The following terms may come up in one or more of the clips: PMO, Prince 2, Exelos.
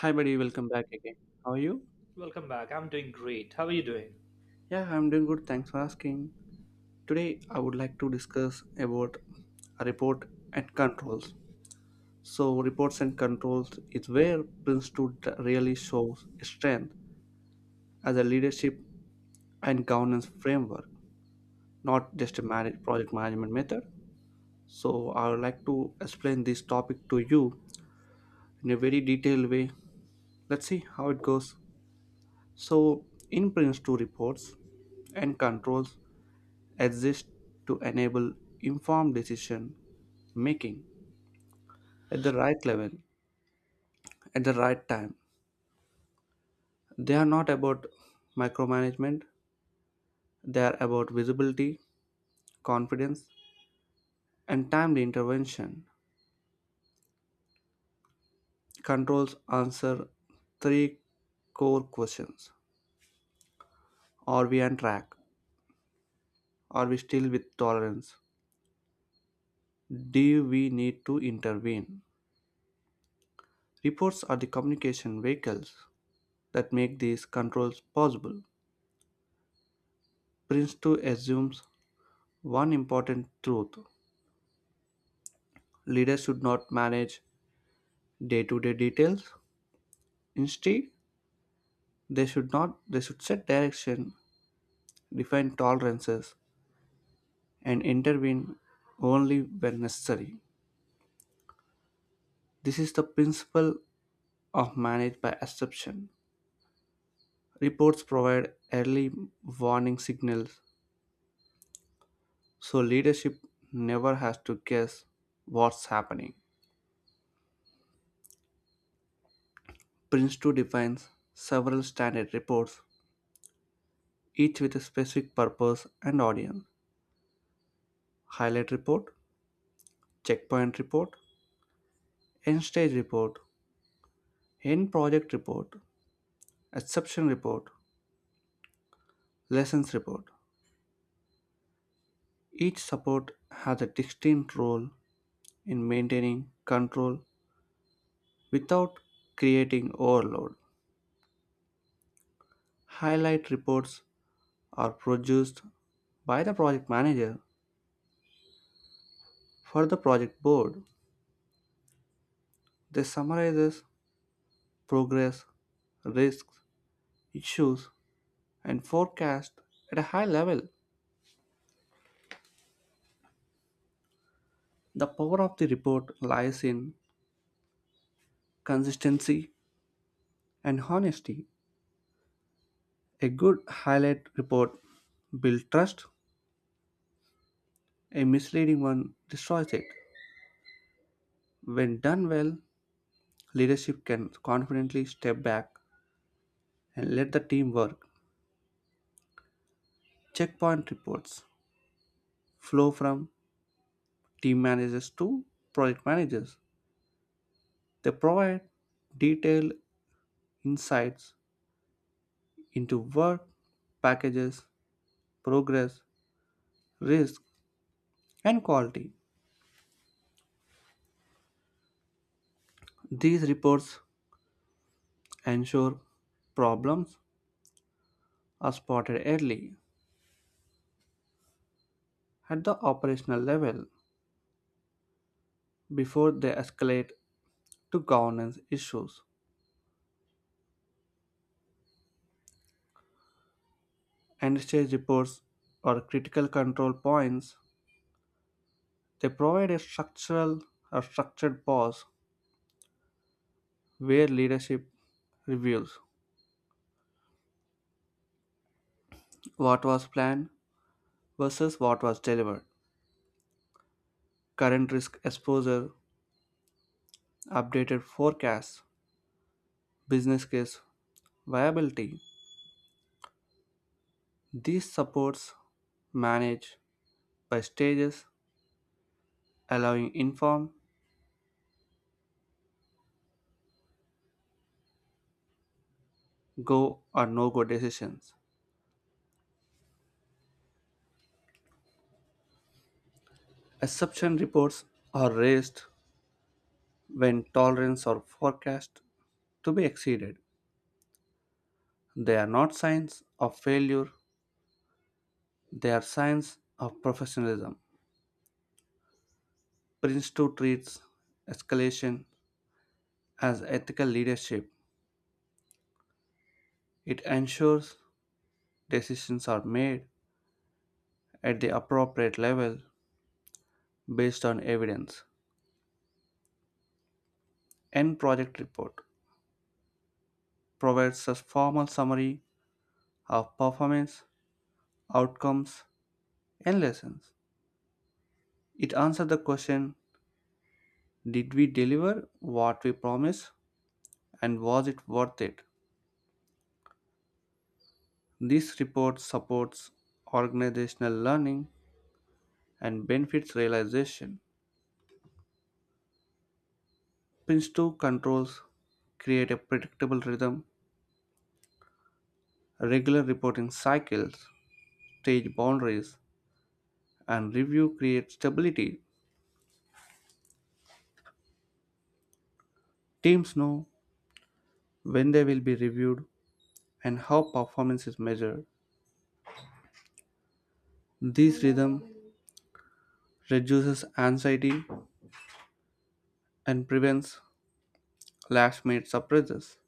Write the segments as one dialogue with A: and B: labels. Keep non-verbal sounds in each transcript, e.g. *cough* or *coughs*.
A: Hi, buddy. Welcome back again. How are you?
B: Welcome back. I'm doing great. How are you doing? *laughs*
A: Yeah, I'm doing good. Thanks for asking. Today, I would like to discuss about a report and controls. So, reports and controls is where Prince 2 really shows strength as a leadership and governance framework, not just project management method. So, I would like to explain this topic to you in a very detailed way. Let's see how it goes. So, in Prince 2, reports and controls exist to enable informed decision making at the right level at the right time. They are not about micromanagement; they are about visibility, confidence, and timely intervention. Controls answer three core questions: Are we on track? Are we still with tolerance? Do we need to intervene? Reports are the communication vehicles that make these controls possible. Prince2 assumes one important truth: leaders should not manage day to day details. Instead, they should not they should set direction, define tolerances, and intervene only when necessary. This is the principle of manage by exception. Reports provide early warning signals, so leadership never has to guess what's happening. Prince 2 defines several standard reports, each with a specific purpose and audience: highlight report, checkpoint report, end stage report, end project report, exception report, lessons report. Each support has a distinct role in maintaining control without creating overload. Highlight reports are produced by the project manager for the project board. They summarizes progress, risks, issues, and forecast at a high level. The power of the report lies in consistency and honesty. A good highlight report builds trust; a misleading one destroys it. When done well, leadership can confidently step back and let the team work. Checkpoint reports flow from team managers to project managers. They provide detailed insights into work, packages, progress, risk, and quality. These reports ensure problems are spotted early, at the operational level, before they escalate to governance issues. And stage reports, or critical control points, they provide a structural or structured pause where leadership reviews what was planned versus what was delivered, current risk exposure, updated forecasts, business case viability. These supports managed by stages, allowing informed go or no go decisions. Exception reports are raised when tolerance are forecast to be exceeded. They are not signs of failure; they are signs of professionalism. Prince 2 treats escalation as ethical leadership. It ensures decisions are made at the appropriate level based on evidence. End project report provides a formal summary of performance, outcomes, and lessons. It answered the question: Did we deliver what we promised, and was it worth it? This report supports organizational learning and benefits realization. PRINCE 2 controls create a predictable rhythm; regular reporting cycles, stage boundaries, and review creates stability. Teams know when they will be reviewed and how performance is measured. This rhythm reduces anxiety and prevents last minute surprises.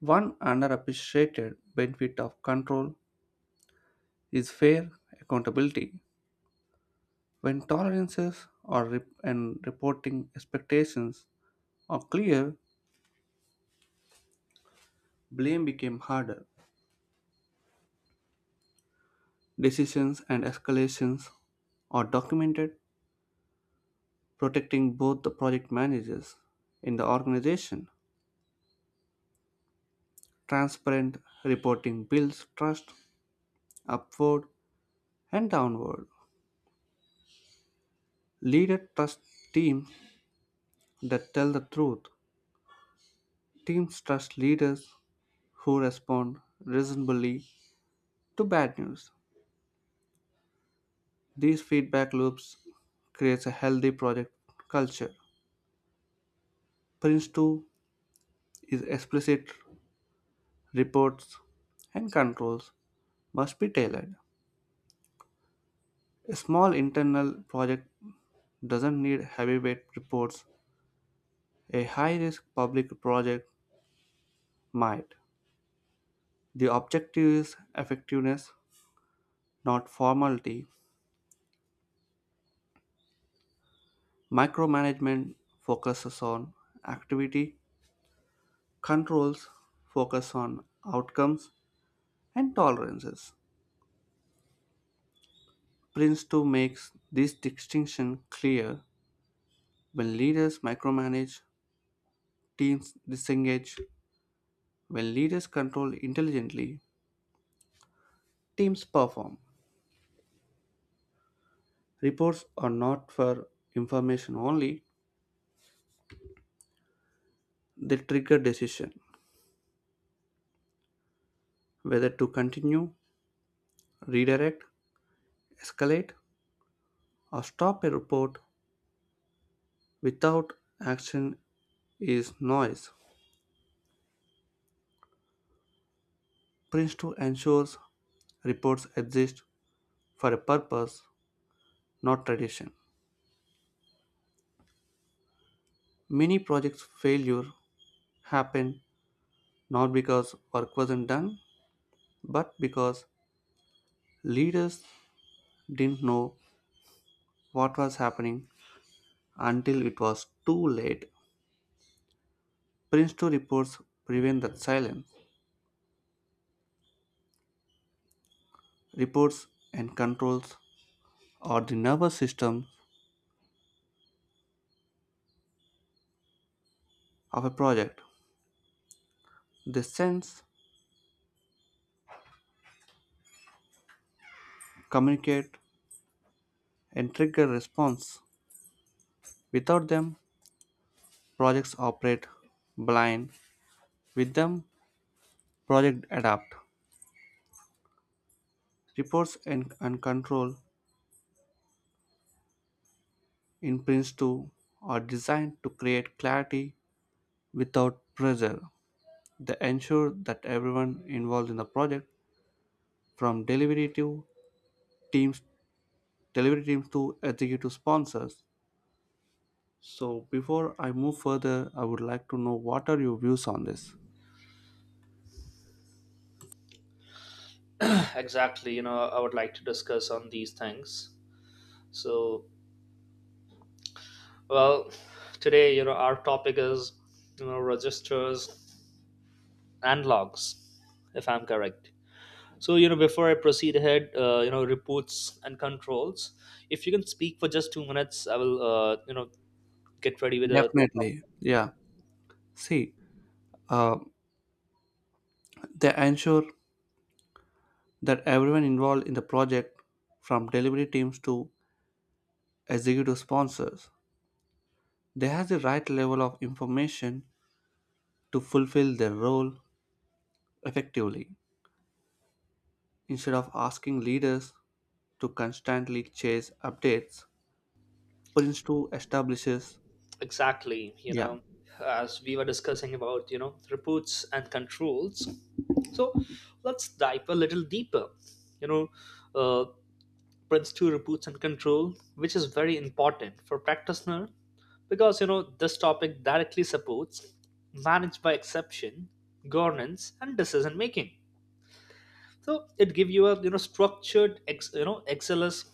A: One underappreciated benefit of control is fair accountability. When tolerances or and reporting expectations are clear, blame became harder. Decisions and escalations are documented, protecting both the project managers in the organization. Transparent reporting builds trust upward and downward. Leader trust teams that tell the truth. Teams trust leaders who respond reasonably to bad news. These feedback loops creates a healthy project culture. Prince 2 is explicit: reports and controls must be tailored. A small internal project doesn't need heavyweight reports. A high-risk public project might. The objective is effectiveness, not formality. Micromanagement focuses on activity; controls focus on outcomes and tolerances. Prince 2 makes this distinction clear: when leaders micromanage, teams disengage. When leaders control intelligently, teams perform. Reports are not for information only; they trigger decision whether to continue, redirect, escalate, or stop. A report without action is noise. Prince 2 ensures reports exist for a purpose, not tradition. Many projects' failure happened not because work wasn't done, but because leaders didn't know what was happening until it was too late. Prince 2 reports prevent that silence. Reports and controls are the nervous system of a project. They sense, communicate, and trigger response. Without them, projects operate blind. With them, project adapt. Reports and control in Prince2 are designed to create clarity without pressure. They ensure that everyone involved in the project, from teams, delivery teams to executive sponsors. So before I move further, I would like to know what are your views on this?
B: *sighs* Exactly. I would like to discuss on these things. So, well, Today, our topic is, registers and logs, if I'm correct. So, before I proceed ahead, reports and controls. If you can speak for just 2 minutes, I will, get ready with a.
A: Definitely. Yeah. See, they ensure that everyone involved in the project, from delivery teams to executive sponsors, they have the right level of information to fulfill their role effectively. Instead of asking leaders to constantly chase updates, Prince 2 establishes.
B: Exactly,
A: Yeah,
B: as we were discussing about, reports and controls. So let's dive a little deeper, you know uh, Prince 2 reports and control, which is very important for practitioner, because this topic directly supports managed by exception, governance, and decision making. So it gives you a, structured ex, you know xls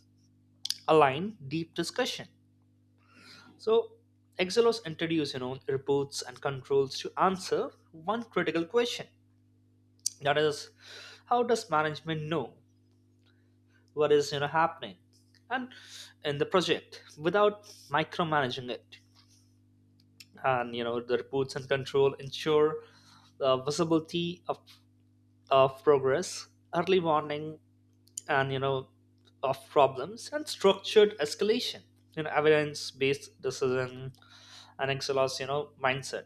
B: aligned deep discussion. So Exelos introduced, reports and controls to answer one critical question. That is, how does management know what is, happening and in the project without micromanaging it? And the reports and control ensure the visibility of, progress, early warning, and, of problems, and structured escalation. Evidence based decision. And Exelos, mindset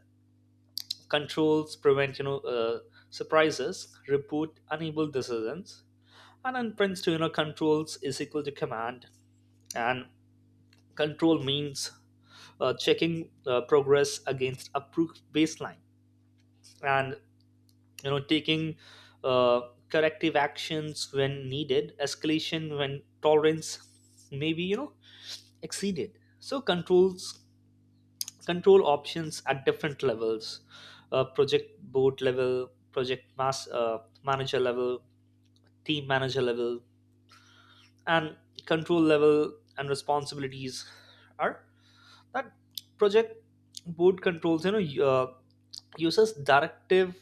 B: controls prevent, surprises. Report unable decisions. And in Prince to controls is equal to command. And control means, checking progress against approved baseline, and, taking, uh, corrective actions when needed, escalation when tolerance may be, exceeded. So controls, control options at different levels: project board level, project mass manager level, team manager level, and control level. And responsibilities are that project board controls, uh, uses directive,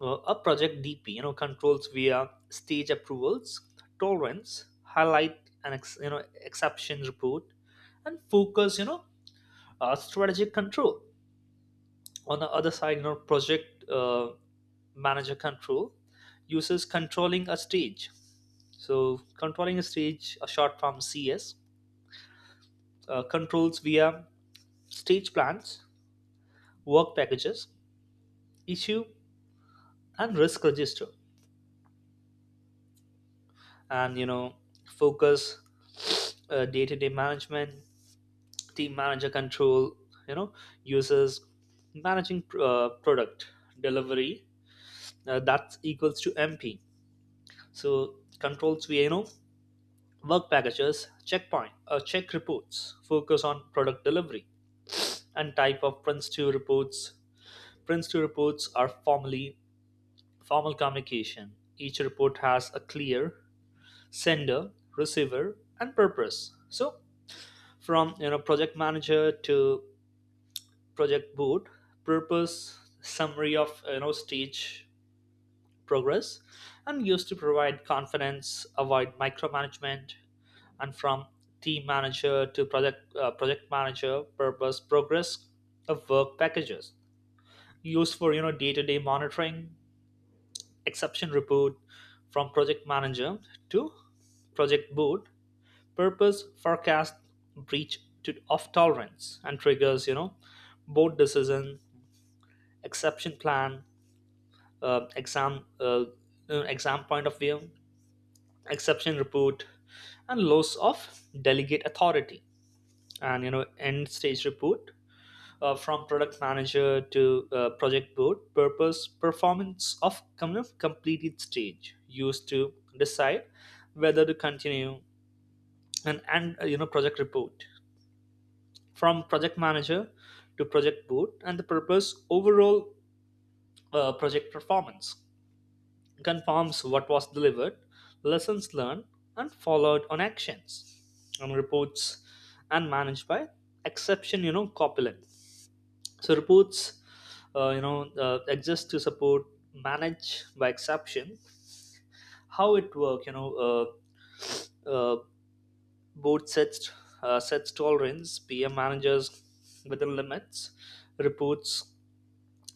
B: a project dp controls via stage approvals, tolerance, highlight, and exception report, and focus, strategic control. On the other side, project manager control uses controlling a stage. So controlling a stage, a short form CS, controls via stage plans, work packages, issue, and risk register, and, focus, day-to-day management. Team manager control, you know uses managing, product delivery, that equals to MP. So controls via, work packages, checkpoint, or check reports, focus on product delivery. And type of Prince 2 reports. Prince 2 reports are formally formal communication. Each report has a clear sender, receiver, and purpose. So from, project manager to project board, purpose: summary of, stage progress, and used to provide confidence, avoid micromanagement. And from team manager to project manager, purpose: progress of work packages, used for, day-to-day monitoring. Exception report, from project manager to project board, purpose: forecast of tolerance, and triggers, board decision, exception plan. uh, exam uh, Exam point of view: exception report and loss of delegate authority. And, end stage report, from product manager to project board, purpose: performance of completed stage, used to decide whether to continue. And you know Project report, from project manager to project board, and the purpose: overall project performance, confirms what was delivered, lessons learned, and followed on actions. And reports and managed by exception, copulent. So reports, exist to support manage by exception. How it work, uh, board sets tolerance. PM managers within limits. Reports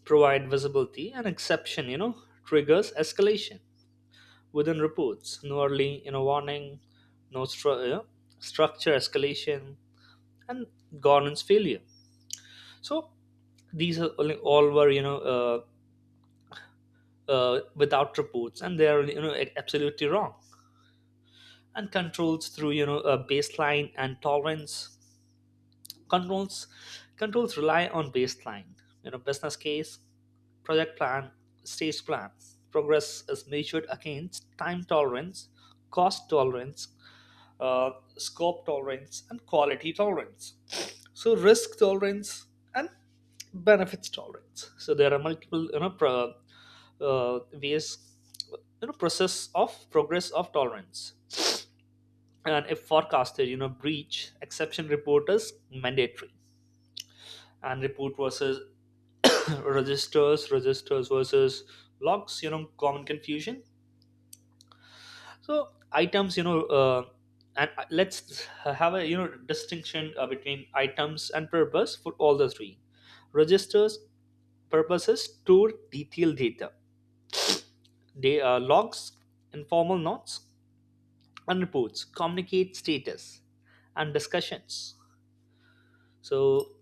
B: provide visibility, and exception, triggers escalation within reports. No early, warning, no structure escalation, and governance failure. So these are only, all were, without reports, and they are, absolutely wrong. And controls through, a baseline and tolerance. controls Controls rely on baseline, business case, project plan, stage plan. Progress is measured against time tolerance, cost tolerance, uh, scope tolerance, and quality tolerance. So risk tolerance and benefits tolerance. So there are multiple, ways, process of progress of tolerance. And if forecasted, breach, exception report is mandatory. And report versus *coughs* *clears throat* registers, versus logs, common confusion. So items, and let's have a, distinction between items and purpose for all the three. Registers: purposes, store detailed data. They Logs, informal notes, and reports communicate status and discussions. So,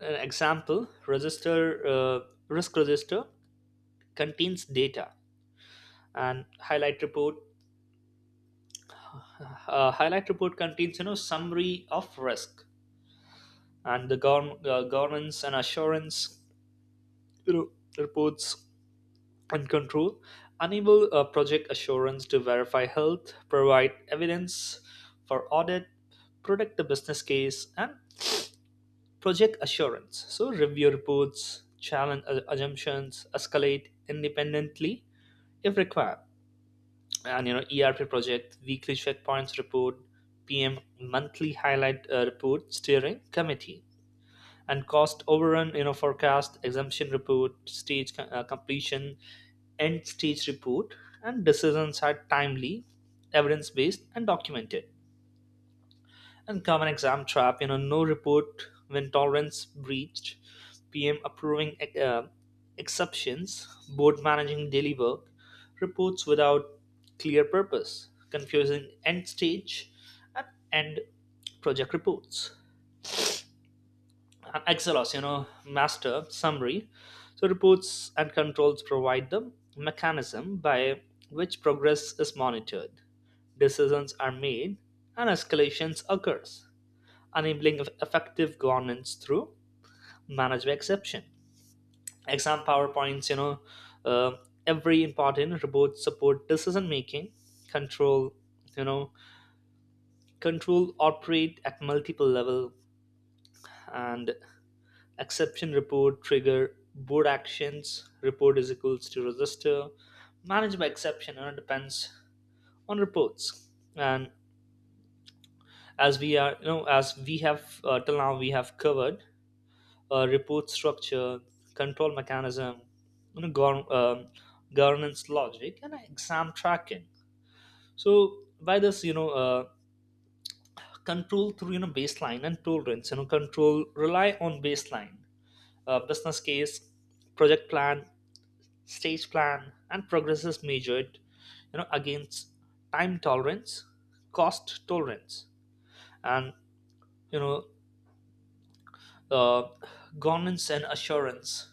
B: an example register, risk register, contains data. And highlight report contains, summary of risk. And the governance and assurance, you know reports and control enable a project assurance to verify health, provide evidence for audit, protect the business case, and project assurance. So, review reports, challenge assumptions, escalate independently if required. And, ERP project: weekly checkpoints report, PM monthly highlight, report, steering committee, and cost overrun, forecast, exemption report, stage completion, end stage report. And decisions are timely, evidence-based, and documented. And common exam trap, no report when tolerance breached, PM approving, uh, exceptions, board managing daily work, reports without clear purpose, confusing end stage and end project reports. An xls, master summary. So reports and controls provide the mechanism by which progress is monitored, decisions are made, and escalations occurs, enabling effective governance through management exception. Exam powerpoints, uh, every important report support decision making, control. you know control operate at multiple level. And exception report trigger board actions, report is equals to register, manage by exception, and it depends on reports. And as we are, as we have, till now, we have covered report structure, control mechanism, you know, gov- um, governance logic, and exam tracking. So by this, control through, baseline and tolerance. Control rely on baseline, business case, project plan, stage plan. And progress is measured, against time tolerance, cost tolerance, and, you know uh, governance and assurance.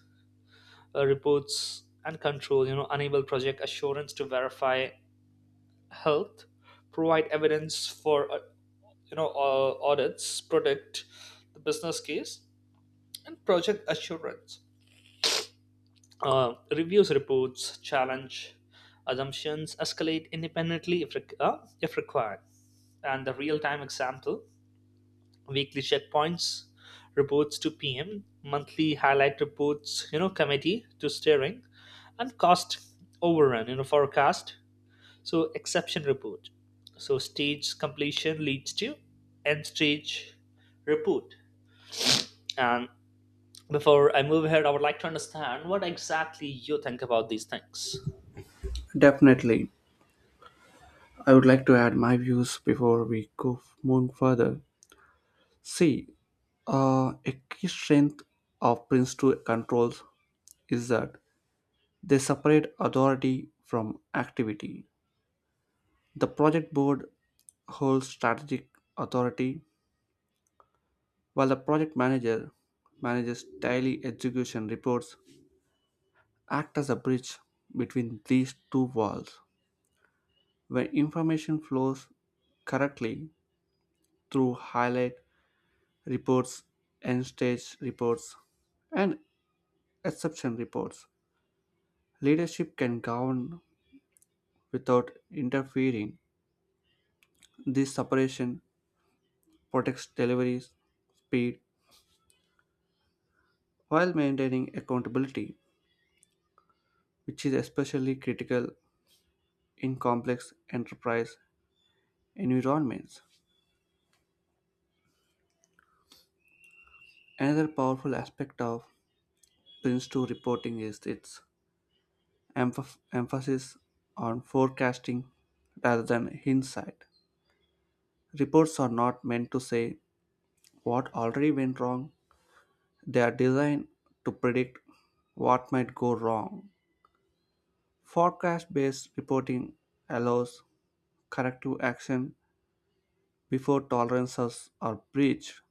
B: Reports and control, enable project assurance to verify health, provide evidence for, audits, protect the business case and project assurance. Reviews reports, challenge assumptions, escalate independently if required. And the real-time example: weekly checkpoints, reports to PM, monthly highlight reports, committee to steering, and cost overrun, forecast. So exception report. So stage completion leads to end stage report. And before I move ahead, I would like to understand what exactly you think about these things.
A: definitely. I would like to add my views before we go move further. See, a key strength of Prince 2 controls is that they separate authority from activity. The project board holds strategic authority, while the project manager manages daily execution reports, act as a bridge between these two walls. When information flows correctly through highlight reports, end stage reports, and exception reports, leadership can govern without interfering. This separation protects delivery speed while maintaining accountability, which is especially critical in complex enterprise environments. Another powerful aspect of Prince 2 reporting is its emphasis on forecasting rather than hindsight. Reports are not meant to say what already went wrong; they are designed to predict what might go wrong. Forecast based reporting allows corrective action before tolerances are breached.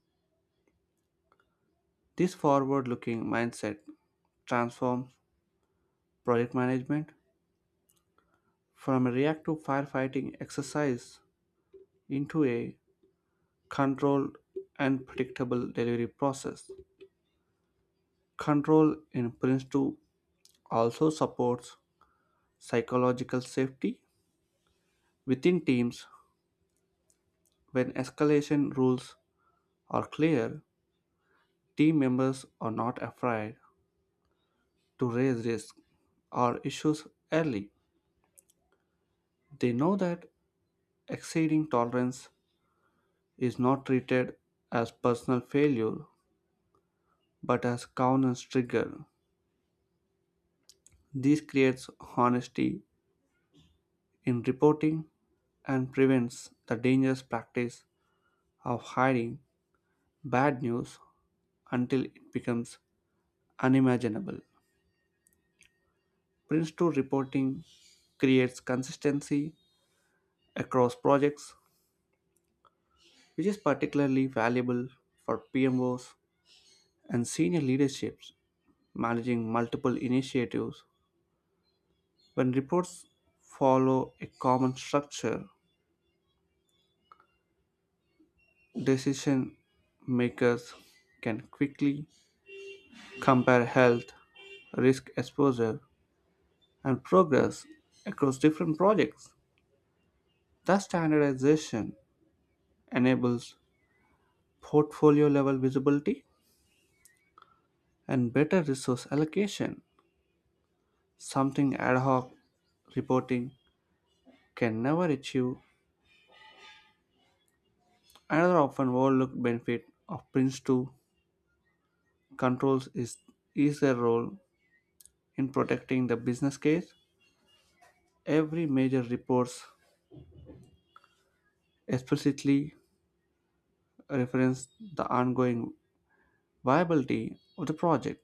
A: This forward looking mindset transforms project management from a reactive firefighting exercise into a controlled and predictable delivery process. Control in Prince 2 also supports psychological safety within teams. When escalation rules are clear, team members are not afraid to raise risks or issues early. They know that exceeding tolerance is not treated as personal failure but as governance trigger. This creates honesty in reporting and prevents the dangerous practice of hiding bad news until it becomes unimaginable. Prince 2 reporting creates consistency across projects, which is particularly valuable for PMOs and senior leaderships managing multiple initiatives. When reports follow a common structure, decision makers can quickly compare health, risk exposure, and progress across different projects. That standardization enables portfolio level visibility and better resource allocation, something ad hoc reporting can never achieve. Another often overlooked benefit of Prince2 controls is, their role in protecting the business case. Every major reports explicitly reference the ongoing viability of the project.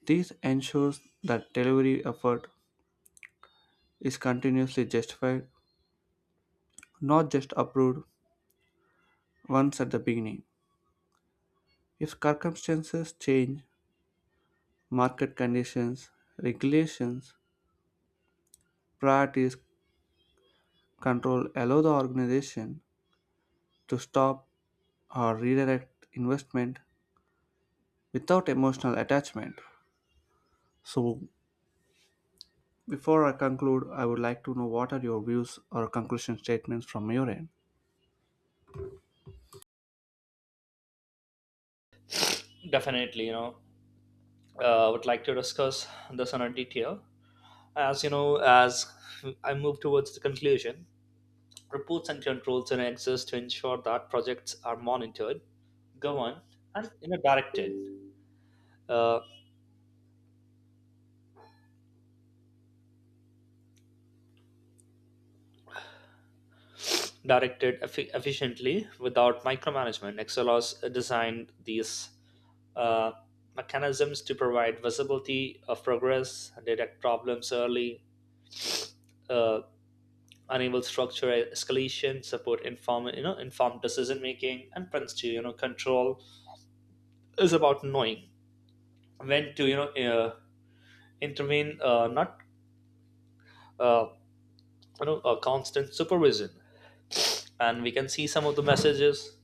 A: This ensures that delivery effort is continuously justified, not just approved once at the beginning. If circumstances change, market conditions, regulations, priorities, control allow the organization to stop or redirect investment without emotional attachment. So, before I conclude, I would like to know what are your views or conclusion statements from your end.
B: Definitely, I would like to discuss this in a detail. As you know as I move towards the conclusion, reports and controls and access to ensure that projects are monitored, governed, and, directed, uh, efficiently, without micromanagement. Excel has designed these, uh, mechanisms to provide visibility of progress, detect problems early, uh, enable structure escalation, support inform, informed decision making. And prints to control is about knowing went to you know intervene, not uh, you know a constant supervision. And we can see some of the messages.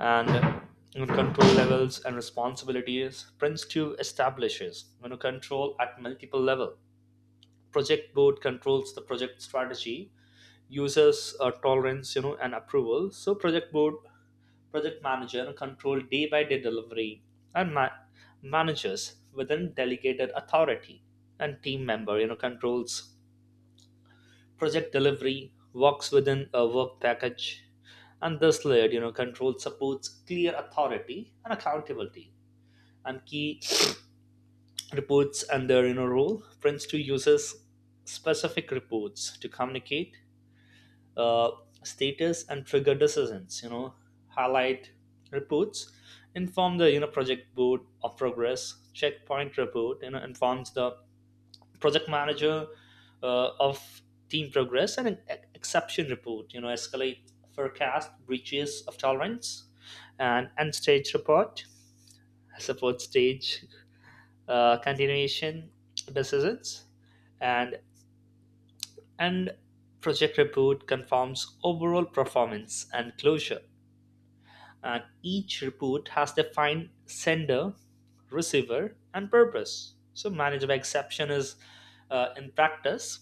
B: And, control levels and responsibilities. Prince 2 establishes, control at multiple level. Project board controls the project strategy, users, tolerance, and approval. So project board. Project manager, control day by day delivery, and managers within delegated authority. And team member, controls project delivery, works within a work package. And this layered, control supports clear authority and accountability. And key *sniffs* reports and their, role. Prince Two uses specific reports to communicate uh, status and trigger decisions. Highlight reports inform the, project board of progress. Checkpoint report, informs the project manager of team progress. And an exception report, escalate forecast breaches of tolerance. And end stage report support stage, continuation decisions. And end project report confirms overall performance and closure. And each report has defined sender, receiver, and purpose. So manage by exception is, in practice,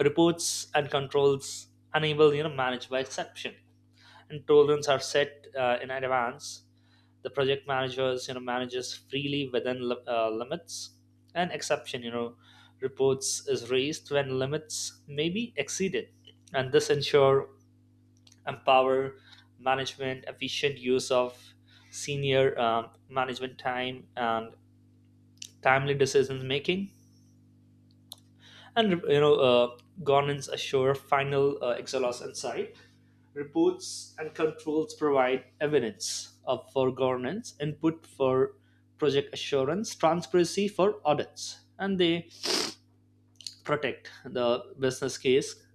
B: reports and controls unable, managed by exception. And tolerance are set, in advance. The project managers, manages freely within limits. And exception, reports is raised when limits may be exceeded. And this ensure empower management, efficient use of senior, management time, and timely decision making. And, governance assure final, exhaust insight. Reports and controls provide evidence of for governance, input for project assurance, transparency for audits, and they protect the business case,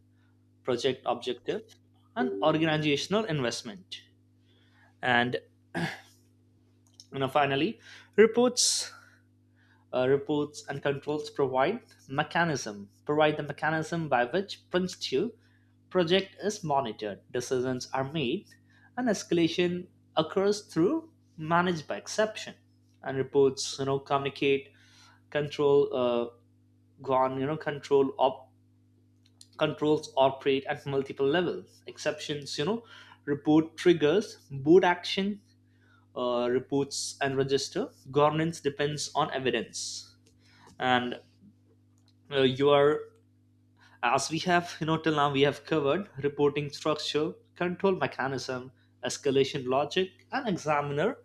B: project objective, and organizational investment. And, finally, reports, reports and controls provide the mechanism by which principle project is monitored, decisions are made, and escalation occurs through managed by exception. And reports, communicate, control, uh, gone, you know, control op- controls operate at multiple levels. Exceptions, report triggers, board action, reports and register. Governance depends on evidence. And you are As we have, till now, we have covered reporting structure, control mechanism, escalation logic, and examiner,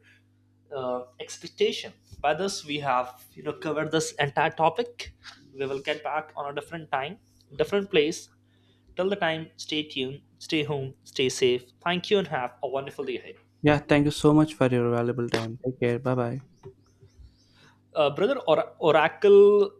B: expectation. By this, we have, covered this entire topic. We will get back on a different time, different place. Till the time, stay tuned, stay home, stay safe. Thank you, and have a wonderful day ahead.
A: Yeah, thank you so much for your valuable time. Take care. Bye bye.
B: Oracle